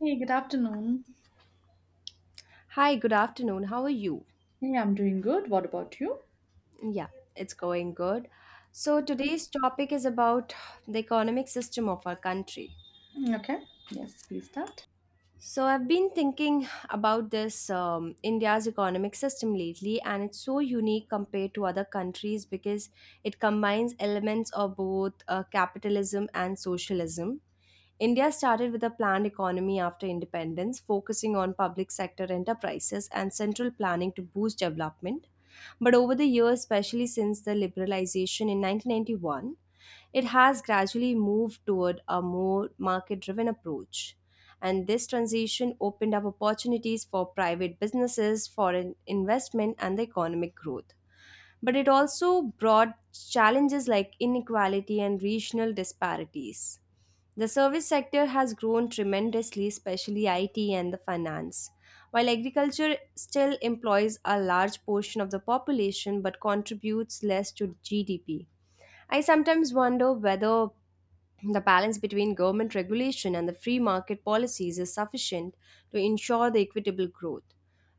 Hey, good afternoon. Hi, good afternoon. How are you? Hey, I'm doing good. What about you? Yeah, it's going good. So, today's topic is about the economic system of our country. Mm, okay. Yes, please start. So, I've been thinking about this India's economic system lately, and it's so unique compared to other countries because it combines elements of both capitalism and socialism. India started with a planned economy after independence, focusing on public sector enterprises and central planning to boost development. But over the years, especially since the liberalization in 1991, it has gradually moved toward a more market driven approach. And this transition opened up opportunities for private businesses, foreign investment, and the economic growth. But it also brought challenges like inequality and regional disparities. The service sector has grown tremendously, especially IT and the finance. While agriculture still employs a large portion of the population but contributes less to GDP, I sometimes wonder whether the balance between government regulation and the free market policies is sufficient to ensure the equitable growth.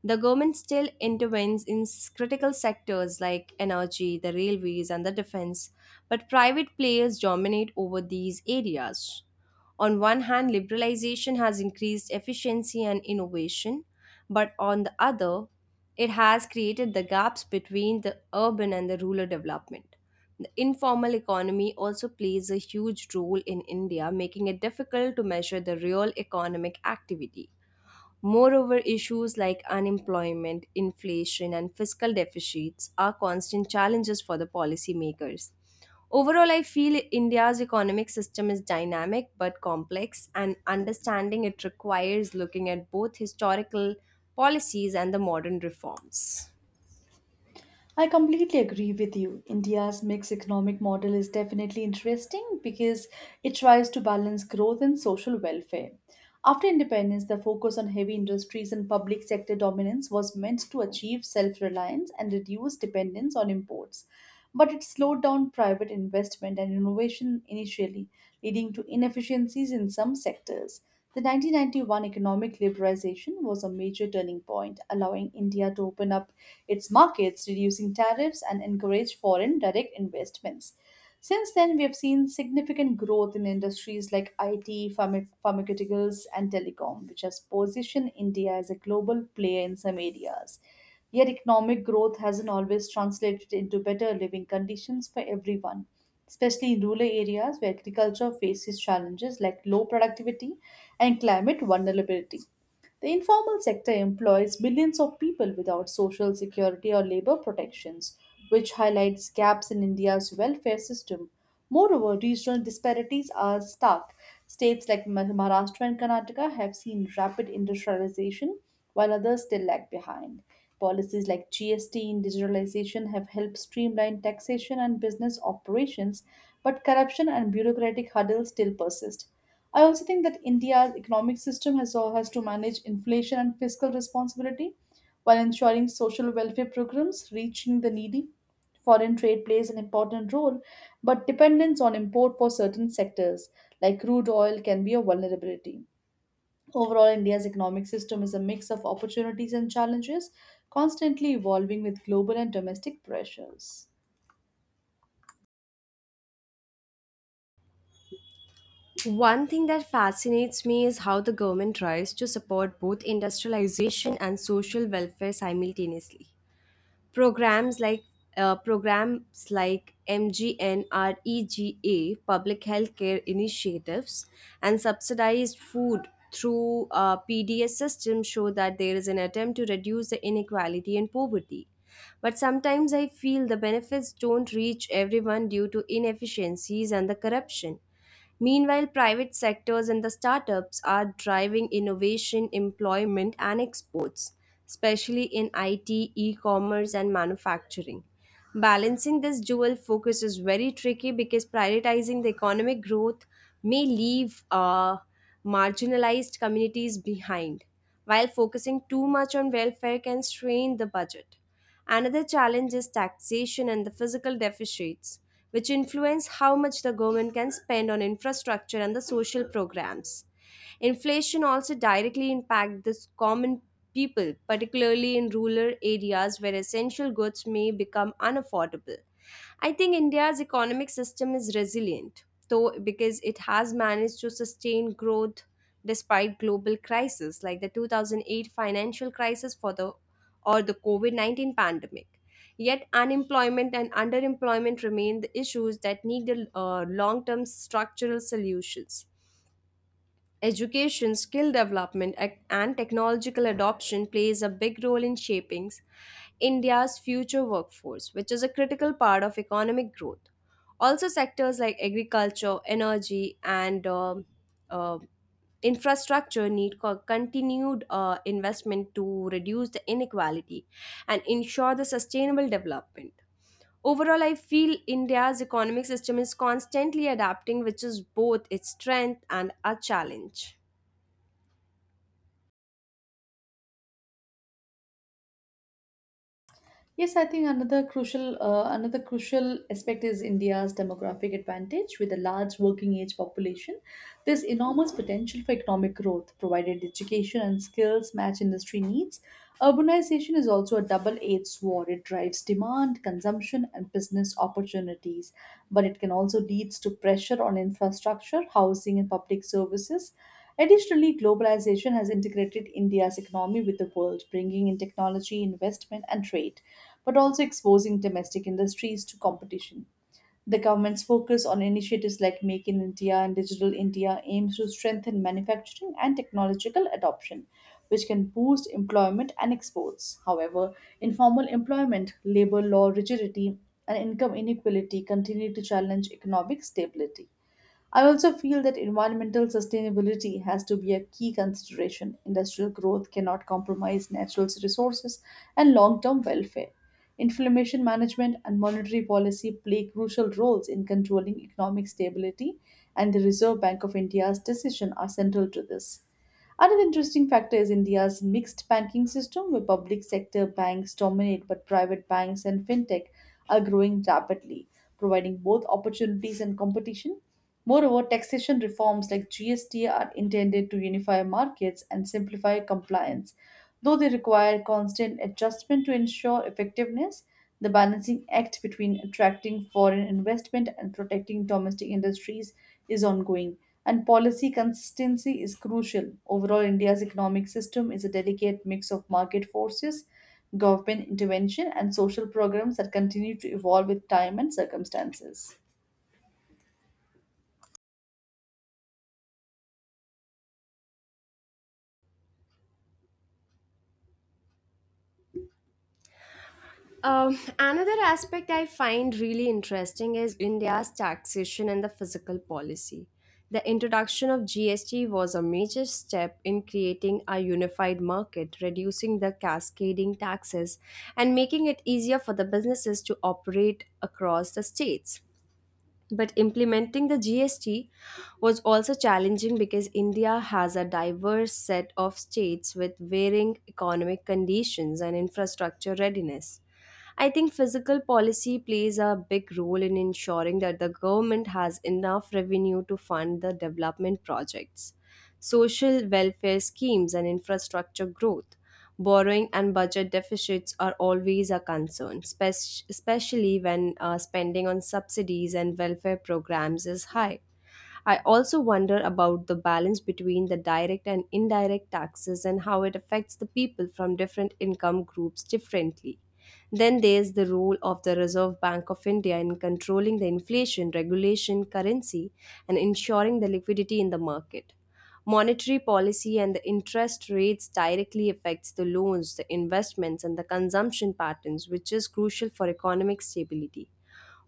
The government still intervenes in critical sectors like energy, the railways, and the defense, but private players dominate over these areas. On one hand, liberalization has increased efficiency and innovation, but on the other, it has created the gaps between the urban and the rural development. The informal economy also plays a huge role in India, making it difficult to measure the real economic activity. Moreover, issues like unemployment, inflation, and fiscal deficits are constant challenges for the policymakers. Overall, I feel India's economic system is dynamic but complex, and understanding it requires looking at both historical policies and the modern reforms. I completely agree with you. India's mixed economic model is definitely interesting because it tries to balance growth and social welfare. After independence, the focus on heavy industries and public sector dominance was meant to achieve self reliance and reduce dependence on imports. But it slowed down private investment and innovation initially, leading to inefficiencies in some sectors. The 1991 economic liberalization was a major turning point, allowing India to open up its markets, reducing tariffs, and encourage foreign direct investments. Since then, we have seen significant growth in industries like IT, pharmaceuticals, and telecom, which has positioned India as a global player in some areas. Yet, economic growth hasn't always translated into better living conditions for everyone, especially in rural areas where agriculture faces challenges like low productivity and climate vulnerability. The informal sector employs millions of people without social security or labor protections, which highlights gaps in India's welfare system. Moreover, regional disparities are stark. States like Maharashtra and Karnataka have seen rapid industrialization, while others still lag behind. Policies like GST and digitalization have helped streamline taxation and business operations, but corruption and bureaucratic hurdles still persist. I also think that India's economic system has to manage inflation and fiscal responsibility, while ensuring social welfare programs reaching the needy. Foreign trade plays an important role, but dependence on import for certain sectors, like crude oil, can be a vulnerability. Overall, India's economic system is a mix of opportunities and challenges, constantly evolving with global and domestic pressures. One thing that fascinates me is how the government tries to support both industrialization and social welfare simultaneously. Programs like programs like MGNREGA, public health care initiatives, and subsidized food through PDS system show that there is an attempt to reduce the inequality and poverty. But sometimes I feel the benefits don't reach everyone due to inefficiencies and the corruption. Meanwhile, private sectors and the startups are driving innovation, employment, and exports, especially in IT, e commerce, and manufacturing. Balancing this dual focus is very tricky because prioritizing the economic growth may leave marginalized communities behind, while focusing too much on welfare can strain the budget. Another challenge is taxation and the physical deficits, which influence how much the government can spend on infrastructure and the social programs. Inflation also directly impacts the common people, particularly in rural areas where essential goods may become unaffordable. I think India's economic system is resilient, though, because it has managed to sustain growth despite global crises like the 2008 financial crisis for the or the COVID 19 pandemic. Yet, unemployment and underemployment remain the issues that need long term structural solutions. Education, skill development, and technological adoption plays a big role in shaping India's future workforce, which is a critical part of economic growth. Also, sectors like agriculture, energy, and uh, infrastructure need continued investment to reduce the inequality and ensure the sustainable development. Overall, I feel India's economic system is constantly adapting, which is both its strength and a challenge. Yes, I think another crucial aspect is India's demographic advantage with a large working age population. There's enormous potential for economic growth provided education and skills match industry needs. Urbanization is also a double edged sword. It drives demand, consumption, and business opportunities, but it can also lead to pressure on infrastructure, housing, and public services. Additionally, globalization has integrated India's economy with the world, bringing in technology, investment, and trade, but also exposing domestic industries to competition. The government's focus on initiatives like Make in India and Digital India aims to strengthen manufacturing and technological adoption, which can boost employment and exports. However, informal employment, labor law rigidity, and income inequality continue to challenge economic stability. I also feel that environmental sustainability has to be a key consideration. Industrial growth cannot compromise natural resources and long term welfare. Inflammation management and monetary policy play crucial roles in controlling economic stability, and the Reserve Bank of India's decision are central to this. Another interesting factor is India's mixed banking system, where public sector banks dominate, but private banks and fintech are growing rapidly, providing both opportunities and competition. Moreover, taxation reforms like GST are intended to unify markets and simplify compliance. Though they require constant adjustment to ensure effectiveness, the balancing act between attracting foreign investment and protecting domestic industries is ongoing and policy consistency is crucial. Overall, India's economic system is a delicate mix of market forces, government intervention, and social programs that continue to evolve with time and circumstances. Another aspect I find really interesting is India's taxation and the fiscal policy. The introduction of GST was a major step in creating a unified market, reducing the cascading taxes, and making it easier for the businesses to operate across the states. But implementing the GST was also challenging because India has a diverse set of states with varying economic conditions and infrastructure readiness. I think fiscal policy plays a big role in ensuring that the government has enough revenue to fund the development projects, social welfare schemes, and infrastructure growth. Borrowing and budget deficits are always a concern, especially when spending on subsidies and welfare programs is high. I also wonder about the balance between the direct and indirect taxes and how it affects the people from different income groups differently. Then there's the role of the Reserve Bank of India in controlling the inflation, regulation, currency, and ensuring the liquidity in the market. Monetary policy and the interest rates directly affects the loans, the investments, and the consumption patterns, which is crucial for economic stability.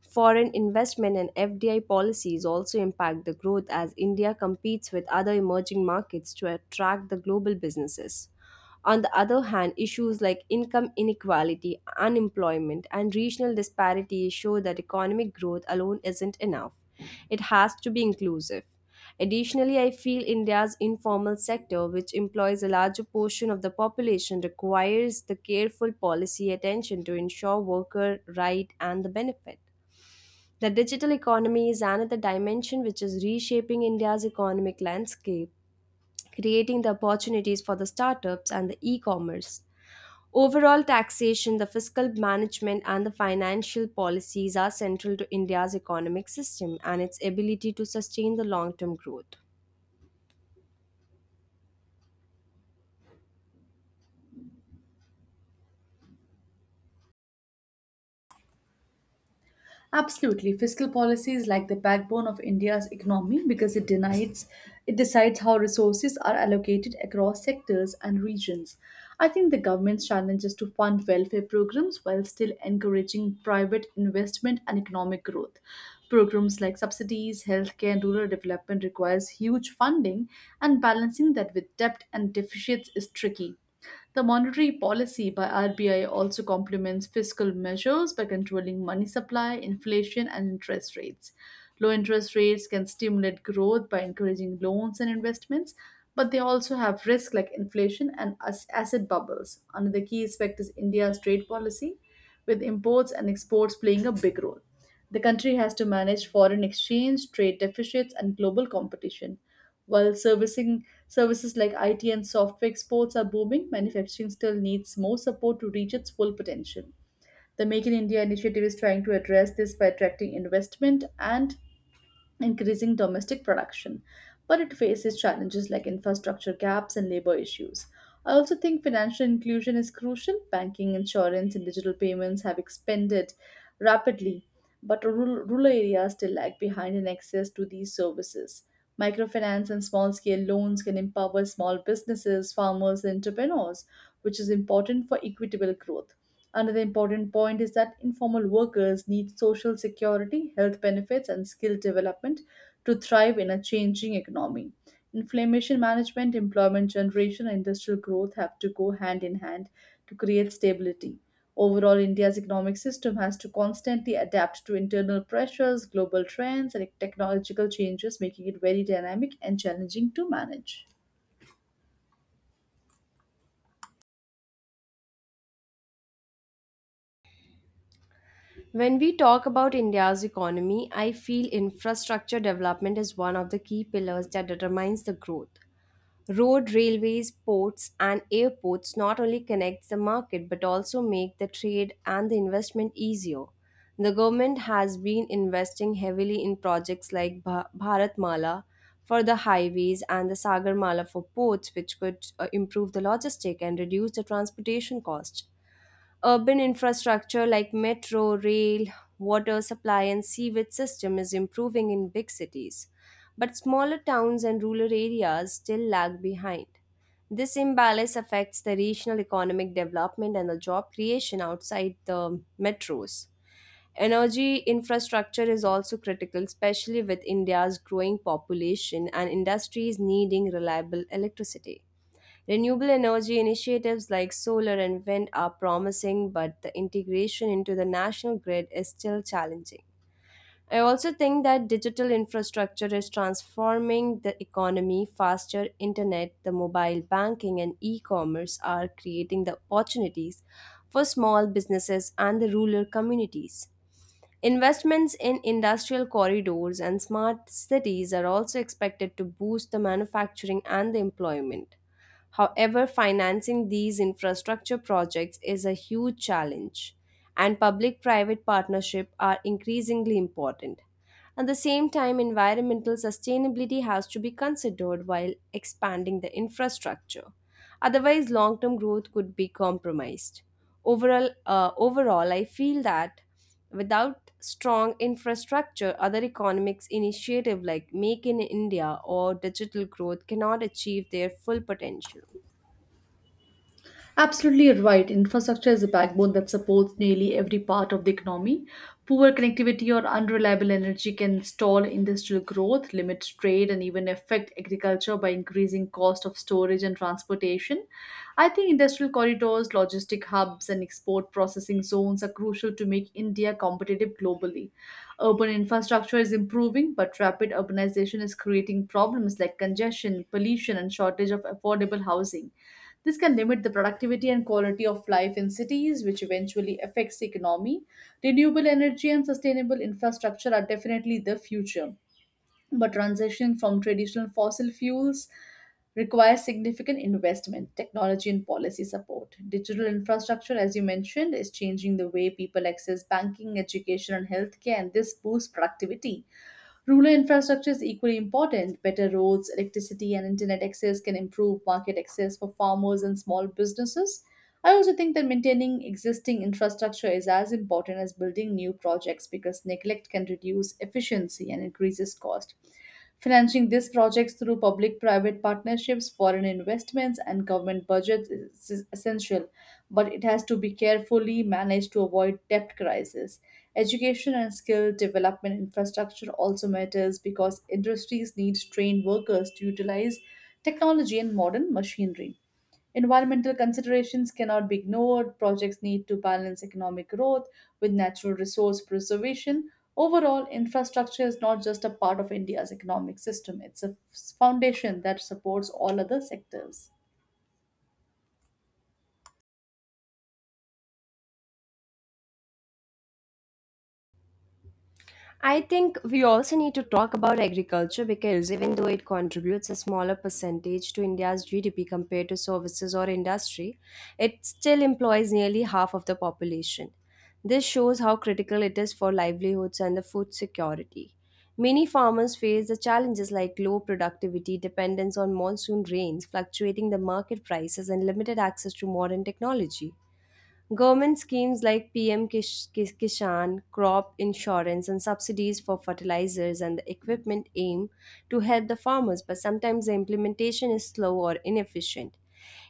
Foreign investment and FDI policies also impact the growth as India competes with other emerging markets to attract the global businesses. On the other hand, issues like income inequality, unemployment, and regional disparities show that economic growth alone isn't enough. It has to be inclusive. Additionally, I feel India's informal sector, which employs a larger portion of the population, requires the careful policy attention to ensure worker right and the benefit. The digital economy is another dimension which is reshaping India's economic landscape, creating the opportunities for the startups and the e commerce. Overall, taxation, the fiscal management, and the financial policies are central to India's economic system and its ability to sustain the long term growth. Absolutely. Fiscal policy is like the backbone of India's economy because it decides how resources are allocated across sectors and regions. I think the government's challenge is to fund welfare programs while still encouraging private investment and economic growth. Programs like subsidies, healthcare, and rural development requires huge funding, and balancing that with debt and deficits is tricky. The monetary policy by RBI also complements fiscal measures by controlling money supply, inflation, and interest rates. Low interest rates can stimulate growth by encouraging loans and investments, but they also have risks like inflation and asset bubbles. Another key aspect is India's trade policy with imports and exports playing a big role. The country has to manage foreign exchange, trade deficits, and global competition. While servicing services like IT and software exports are booming, manufacturing still needs more support to reach its full potential. The Make in India initiative is trying to address this by attracting investment and increasing domestic production, but it faces challenges like infrastructure gaps and labor issues. I also think financial inclusion is crucial. Banking, insurance, and digital payments have expanded rapidly, but rural areas still lag behind in access to these services. Microfinance and small scale loans can empower small businesses, farmers, and entrepreneurs, which is important for equitable growth. Another important point is that informal workers need social security, health benefits, and skill development to thrive in a changing economy. Inflammation management, employment generation, and industrial growth have to go hand in hand to create stability. Overall, India's economic system has to constantly adapt to internal pressures, global trends, and technological changes, making it very dynamic and challenging to manage. When we talk about India's economy, I feel infrastructure development is one of the key pillars that determines the growth. Road, railways, ports, and airports not only connect the market but also make the trade and the investment easier. The government has been investing heavily in projects like Bharatmala for the highways and the Sagarmala for ports, which could improve the logistic and reduce the transportation cost. Urban infrastructure like metro, rail, water supply, and sewage system is improving in big cities. But smaller towns and rural areas still lag behind. This imbalance affects the regional economic development and the job creation outside the metros. Energy infrastructure is also critical, especially with India's growing population and industries needing reliable electricity. Renewable energy initiatives like solar and wind are promising, but the integration into the national grid is still challenging. I also think that digital infrastructure is transforming the economy faster. Internet, the mobile banking, and e commerce are creating the opportunities for small businesses and the rural communities. Investments in industrial corridors and smart cities are also expected to boost the manufacturing and the employment. However, financing these infrastructure projects is a huge challenge, and public private partnerships are increasingly important. At the same time, environmental sustainability has to be considered while expanding the infrastructure. Otherwise, long term growth could be compromised. Overall, I feel that without strong infrastructure, other economics initiative like Make in India or digital growth cannot achieve their full potential. Absolutely right. Infrastructure is a backbone that supports nearly every part of the economy. Poor connectivity or unreliable energy can stall industrial growth, limit trade, and even affect agriculture by increasing cost of storage and transportation. I think industrial corridors, logistic hubs, and export processing zones are crucial to make India competitive globally. Urban infrastructure is improving, but rapid urbanization is creating problems like congestion, pollution, and shortage of affordable housing. This can limit the productivity and quality of life in cities, which eventually affects the economy. Renewable energy and sustainable infrastructure are definitely the future, but transitioning from traditional fossil fuels requires significant investment, technology, and policy support. Digital infrastructure, as you mentioned, is changing the way people access banking, education, and healthcare, and this boosts productivity. Rural infrastructure is equally important. Better roads, electricity, and internet access can improve market access for farmers and small businesses. I also think that maintaining existing infrastructure is as important as building new projects because neglect can reduce efficiency and increases cost. Financing these projects through public private partnerships, foreign investments, and government budgets is essential, but it has to be carefully managed to avoid debt crisis. Education and skill development infrastructure also matters because industries need trained workers to utilize technology and modern machinery. Environmental considerations cannot be ignored. Projects need to balance economic growth with natural resource preservation. Overall, infrastructure is not just a part of India's economic system, it's a foundation that supports all other sectors. I think we also need to talk about agriculture because even though it contributes a smaller percentage to India's GDP compared to services or industry, it still employs nearly half of the population. This shows how critical it is for livelihoods and the food security. Many farmers face the challenges like low productivity, dependence on monsoon rains, fluctuating the market prices, and limited access to modern technology. Government schemes like PM Kishan, crop insurance, and subsidies for fertilizers and the equipment aim to help the farmers, but sometimes the implementation is slow or inefficient.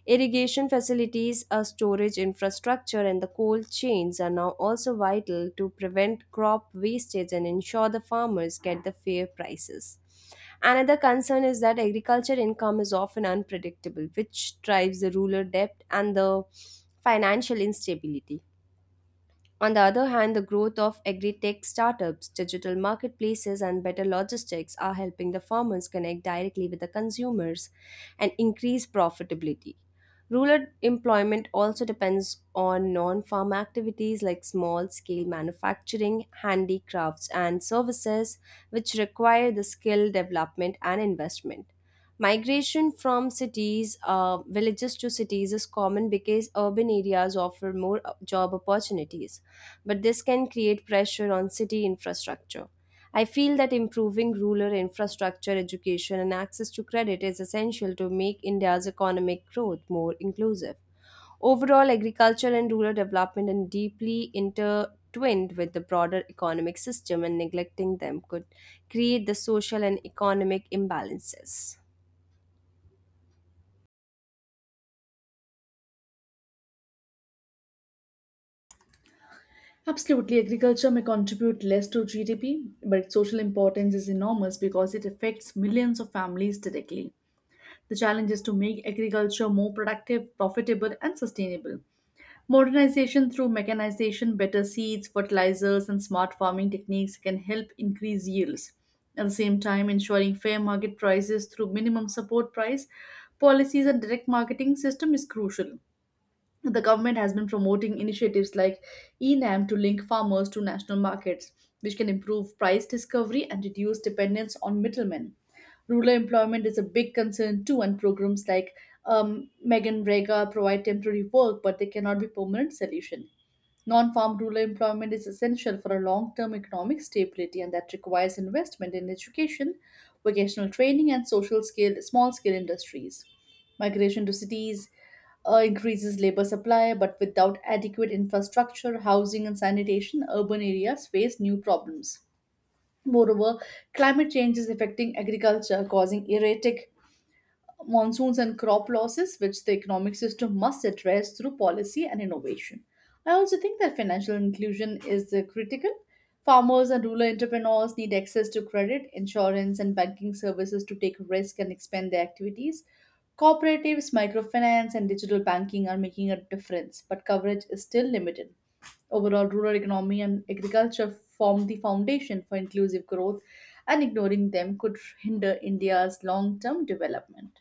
Irrigation facilities, a storage infrastructure, and the cold chains are now also vital to prevent crop wastage and ensure the farmers get the fair prices. Another concern is that agriculture income is often unpredictable, which drives the rural debt and the financial instability. On the other hand, the growth of agri-tech startups, digital marketplaces, and better logistics are helping the farmers connect directly with the consumers and increase profitability. Rural employment also depends on non farm activities like small scale manufacturing, handicrafts, and services, which require the skill development and investment. Migration from villages to cities is common because urban areas offer more job opportunities, but this can create pressure on city infrastructure. I feel that improving rural infrastructure, education, and access to credit is essential to make India's economic growth more inclusive. Overall, agriculture and rural development are deeply intertwined with the broader economic system, and neglecting them could create the social and economic imbalances. Absolutely, agriculture may contribute less to GDP, but its social importance is enormous because it affects millions of families directly. The challenge is to make agriculture more productive, profitable, and sustainable. Modernization through mechanization, better seeds, fertilizers, and smart farming techniques can help increase yields. At the same time, ensuring fair market prices through minimum support price policies and direct marketing system is crucial. The government has been promoting initiatives like ENAM to link farmers to national markets, which can improve price discovery and reduce dependence on middlemen. Rural employment is a big concern too, and programs like Megan Rega provide temporary work, but they cannot be permanent solution. Non farm rural employment is essential for a long term economic stability, and that requires investment in education, vocational training, and small scale industries. Migration to cities increases labor supply, but without adequate infrastructure, housing, and sanitation, urban areas face new problems. Moreover, climate change is affecting agriculture, causing erratic monsoons and crop losses, which the economic system must address through policy and innovation. I also think that financial inclusion is critical. Farmers and rural entrepreneurs need access to credit, insurance, and banking services to take risk and expand their activities. Cooperatives, microfinance, and digital banking are making a difference, but coverage is still limited. Overall, rural economy and agriculture form the foundation for inclusive growth, and ignoring them could hinder India's long term development.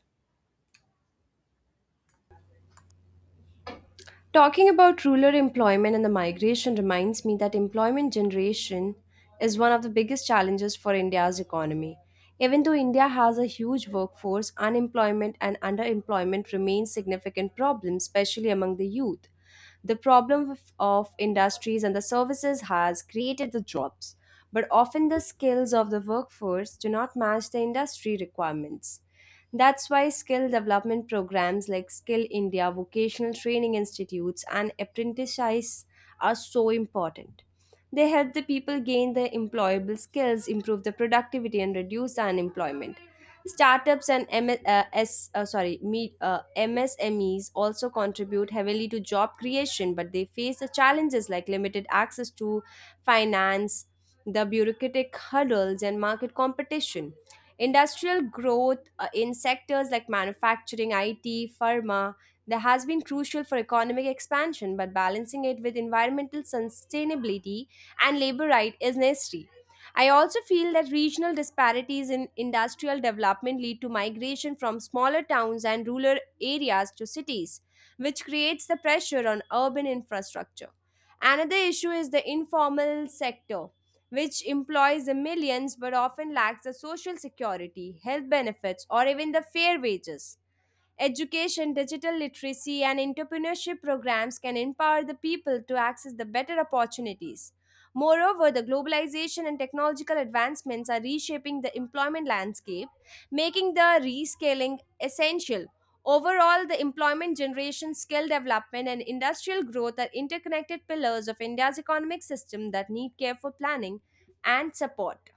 Talking about rural employment and the migration reminds me that employment generation is one of the biggest challenges for India's economy. Even though India has a huge workforce, unemployment and underemployment remain significant problems, especially among the youth. The problem of industries and the services has created the jobs, but often the skills of the workforce do not match the industry requirements. That's why skill development programs like Skill India, vocational training institutes, and apprenticeships are so important. They help the people gain their employable skills, improve the productivity, and reduce the unemployment. Startups and MS, uh, S, uh, sorry, me, uh, MSMEs also contribute heavily to job creation, but they face the challenges like limited access to finance, the bureaucratic hurdles, and market competition. Industrial growth in sectors like manufacturing, IT, pharma, that has been crucial for economic expansion, but balancing it with environmental sustainability and labor right is necessary. I also feel that regional disparities in industrial development lead to migration from smaller towns and rural areas to cities, which creates the pressure on urban infrastructure. Another issue is the informal sector, which employs the millions but often lacks the social security, health benefits, or even the fair wages. Education, digital literacy, and entrepreneurship programs can empower the people to access the better opportunities. Moreover, the globalization and technological advancements are reshaping the employment landscape, making the rescaling essential. Overall, the employment generation, skill development, and industrial growth are interconnected pillars of India's economic system that need careful planning and support.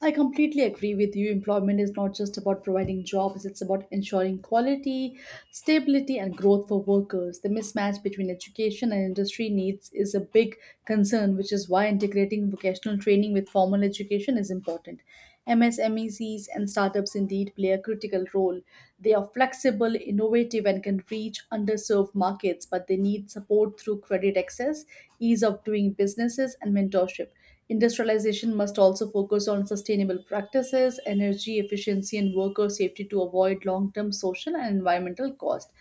I completely agree with you. Employment is not just about providing jobs, it's about ensuring quality, stability, and growth for workers. The mismatch between education and industry needs is a big concern, which is why integrating vocational training with formal education is important. MSMECs and startups indeed play a critical role. They are flexible, innovative, and can reach underserved markets, but they need support through credit access, ease of doing businesses, and mentorship. Industrialization must also focus on sustainable practices, energy efficiency, and worker safety to avoid long term social and environmental cost.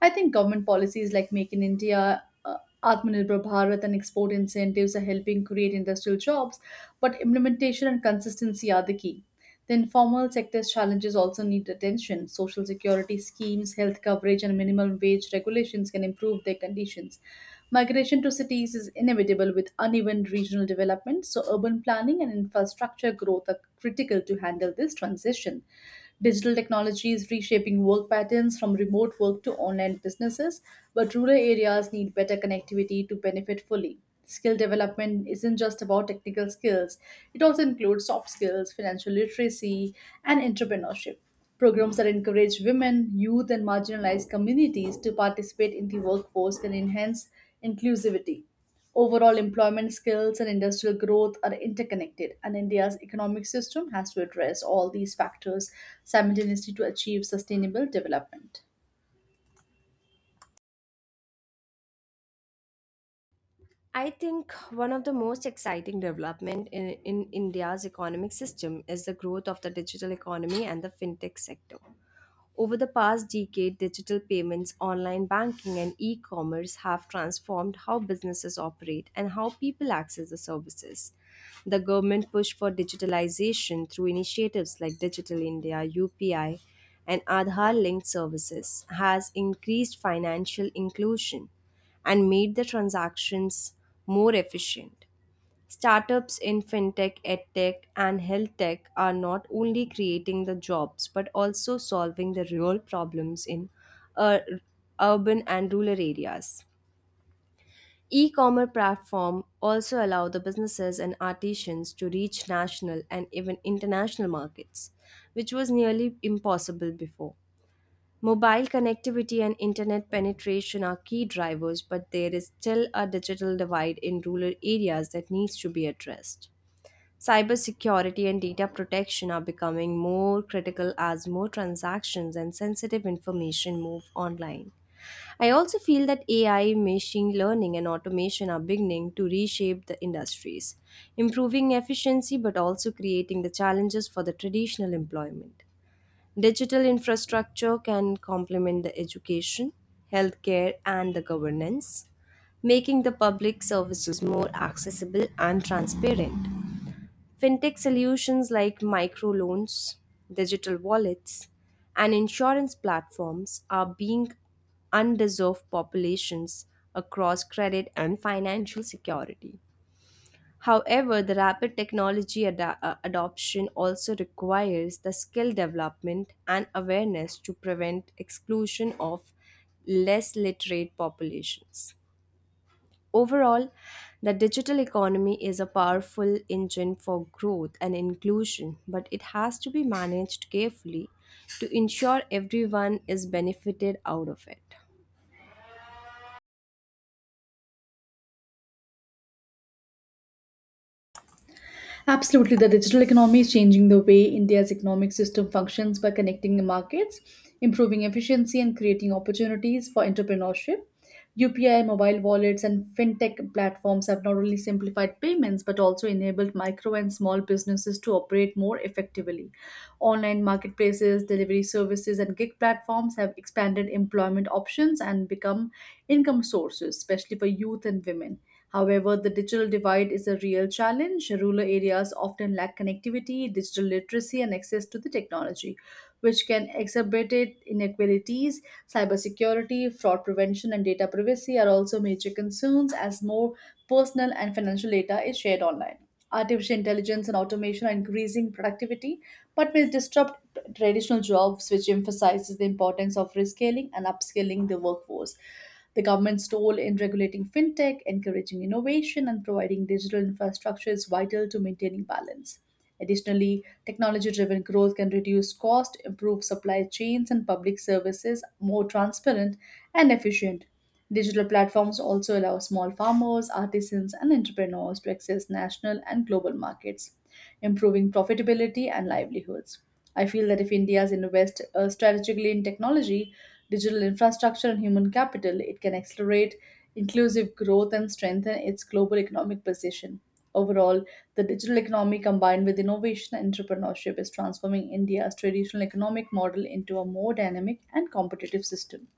I think government policies like Make in India, Atmanirbhar Bharat, and export incentives are helping create industrial jobs, but implementation and consistency are the key. The informal sector's challenges also need attention. Social security schemes, health coverage, and minimum wage regulations can improve their conditions. Migration to cities is inevitable with uneven regional development, so urban planning and infrastructure growth are critical to handle this transition. Digital technology is reshaping work patterns from remote work to online businesses, but rural areas need better connectivity to benefit fully. Skill development isn't just about technical skills, it also includes soft skills, financial literacy, and entrepreneurship. Programs that encourage women, youth, and marginalized communities to participate in the workforce can enhance inclusivity. Overall, employment skills and industrial growth are interconnected, and India's economic system has to address all these factors simultaneously to achieve sustainable development. I think one of the most exciting development in India's economic system is the growth of the digital economy and the fintech sector. Over the past decade, digital payments, online banking, and e commerce have transformed how businesses operate and how people access the services. The government push for digitalization through initiatives like Digital India, UPI, and Aadhaar linked services has increased financial inclusion and made the transactions more efficient. Startups in fintech, edtech, and health tech are not only creating the jobs but also solving the real problems in uh, urban and rural areas. E-commerce platform also allow the businesses and artisans to reach national and even international markets, which was nearly impossible before. Mobile connectivity and internet penetration are key drivers, but there is still a digital divide in rural areas that needs to be addressed. Cybersecurity and data protection are becoming more critical as more transactions and sensitive information move online. I also feel that AI, machine learning, and automation are beginning to reshape the industries, improving efficiency but also creating the challenges for the traditional employment. Digital infrastructure can complement the education, healthcare, and the governance, making the public services more accessible and transparent. Fintech solutions like microloans, digital wallets, and insurance platforms are being underserved populations across credit and financial security. However, the rapid technology adoption also requires the skill development and awareness to prevent exclusion of less literate populations. Overall, the digital economy is a powerful engine for growth and inclusion, but it has to be managed carefully to ensure everyone is benefited out of it. Absolutely, the digital economy is changing the way India's economic system functions by connecting the markets, improving efficiency, and creating opportunities for entrepreneurship. UPI, mobile wallets, and fintech platforms have not only simplified payments but also enabled micro and small businesses to operate more effectively. Online marketplaces, delivery services, and gig platforms have expanded employment options and become income sources, especially for youth and women. However, the digital divide is a real challenge. Rural areas often lack connectivity, digital literacy, and access to the technology, which can exacerbate inequalities. Cybersecurity, fraud prevention, and data privacy are also major concerns as more personal and financial data is shared online. Artificial intelligence and automation are increasing productivity, but may disrupt traditional jobs, which emphasizes the importance of reskilling and upskilling the workforce. The government's role in regulating fintech, encouraging innovation, and providing digital infrastructure is vital to maintaining balance. Additionally, technology driven growth can reduce cost, improve supply chains, and public services more transparent and efficient. Digital platforms also allow small farmers, artisans, and entrepreneurs to access national and global markets, improving profitability and livelihoods. I feel that if India invests strategically in technology, digital infrastructure, and human capital, it can accelerate inclusive growth and strengthen its global economic position. Overall, the digital economy combined with innovation and entrepreneurship is transforming India's traditional economic model into a more dynamic and competitive system.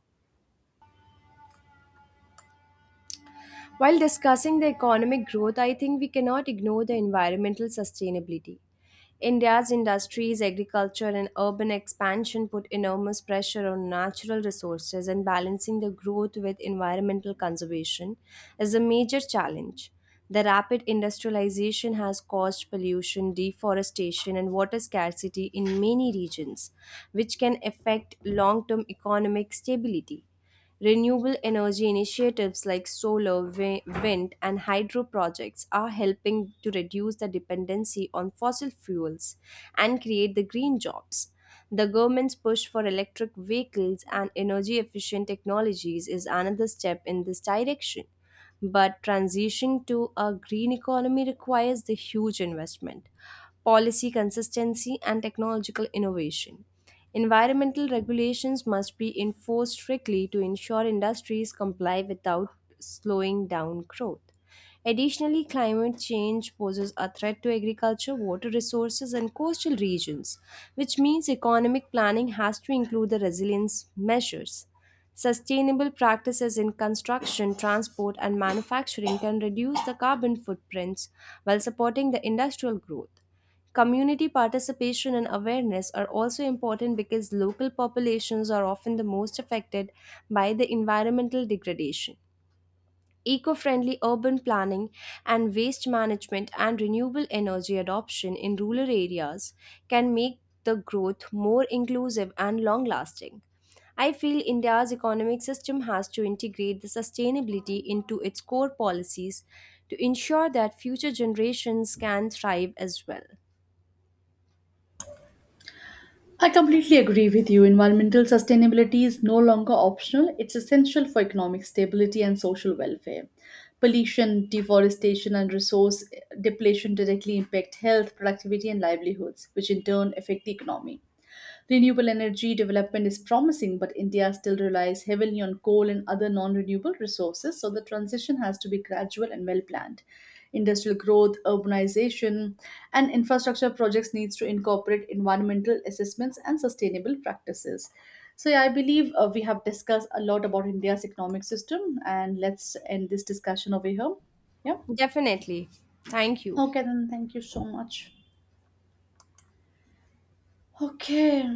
While discussing the economic growth, I think we cannot ignore the environmental sustainability. India's industries, agriculture, and urban expansion put enormous pressure on natural resources, and balancing the growth with environmental conservation is a major challenge. The rapid industrialization has caused pollution, deforestation, and water scarcity in many regions, which can affect long term economic stability. Renewable energy initiatives like solar, wind, and hydro projects are helping to reduce the dependency on fossil fuels and create the green jobs. The government's push for electric vehicles and energy efficient technologies is another step in this direction. But transitioning to a green economy requires the huge investment, policy consistency, and technological innovation. Environmental regulations must be enforced strictly to ensure industries comply without slowing down growth. Additionally, climate change poses a threat to agriculture, water resources, and coastal regions, which means economic planning has to include the resilience measures. Sustainable practices in construction, transport, and manufacturing can reduce the carbon footprints while supporting the industrial growth. Community participation and awareness are also important because local populations are often the most affected by the environmental degradation eco friendly urban planning and waste management and renewable energy adoption in rural areas can make the growth more inclusive and long lasting. I feel India's economic system has to integrate the sustainability into its core policies to ensure that future generations can thrive as well. I completely agree with you. Environmental sustainability is no longer optional, it's essential for economic stability and social welfare. Pollution, deforestation, and resource depletion directly impact health, productivity, and livelihoods, which in turn affect the economy. Renewable energy development is promising, but India still relies heavily on coal and other non renewable resources, so the transition has to be gradual and well planned. Industrial growth, urbanization, and infrastructure projects needs to incorporate environmental assessments and sustainable practices. So, yeah, I believe we have discussed a lot about India's economic system, and let's end this discussion over here. Yeah. Definitely. Thank you. Okay, then thank you so much. Okay.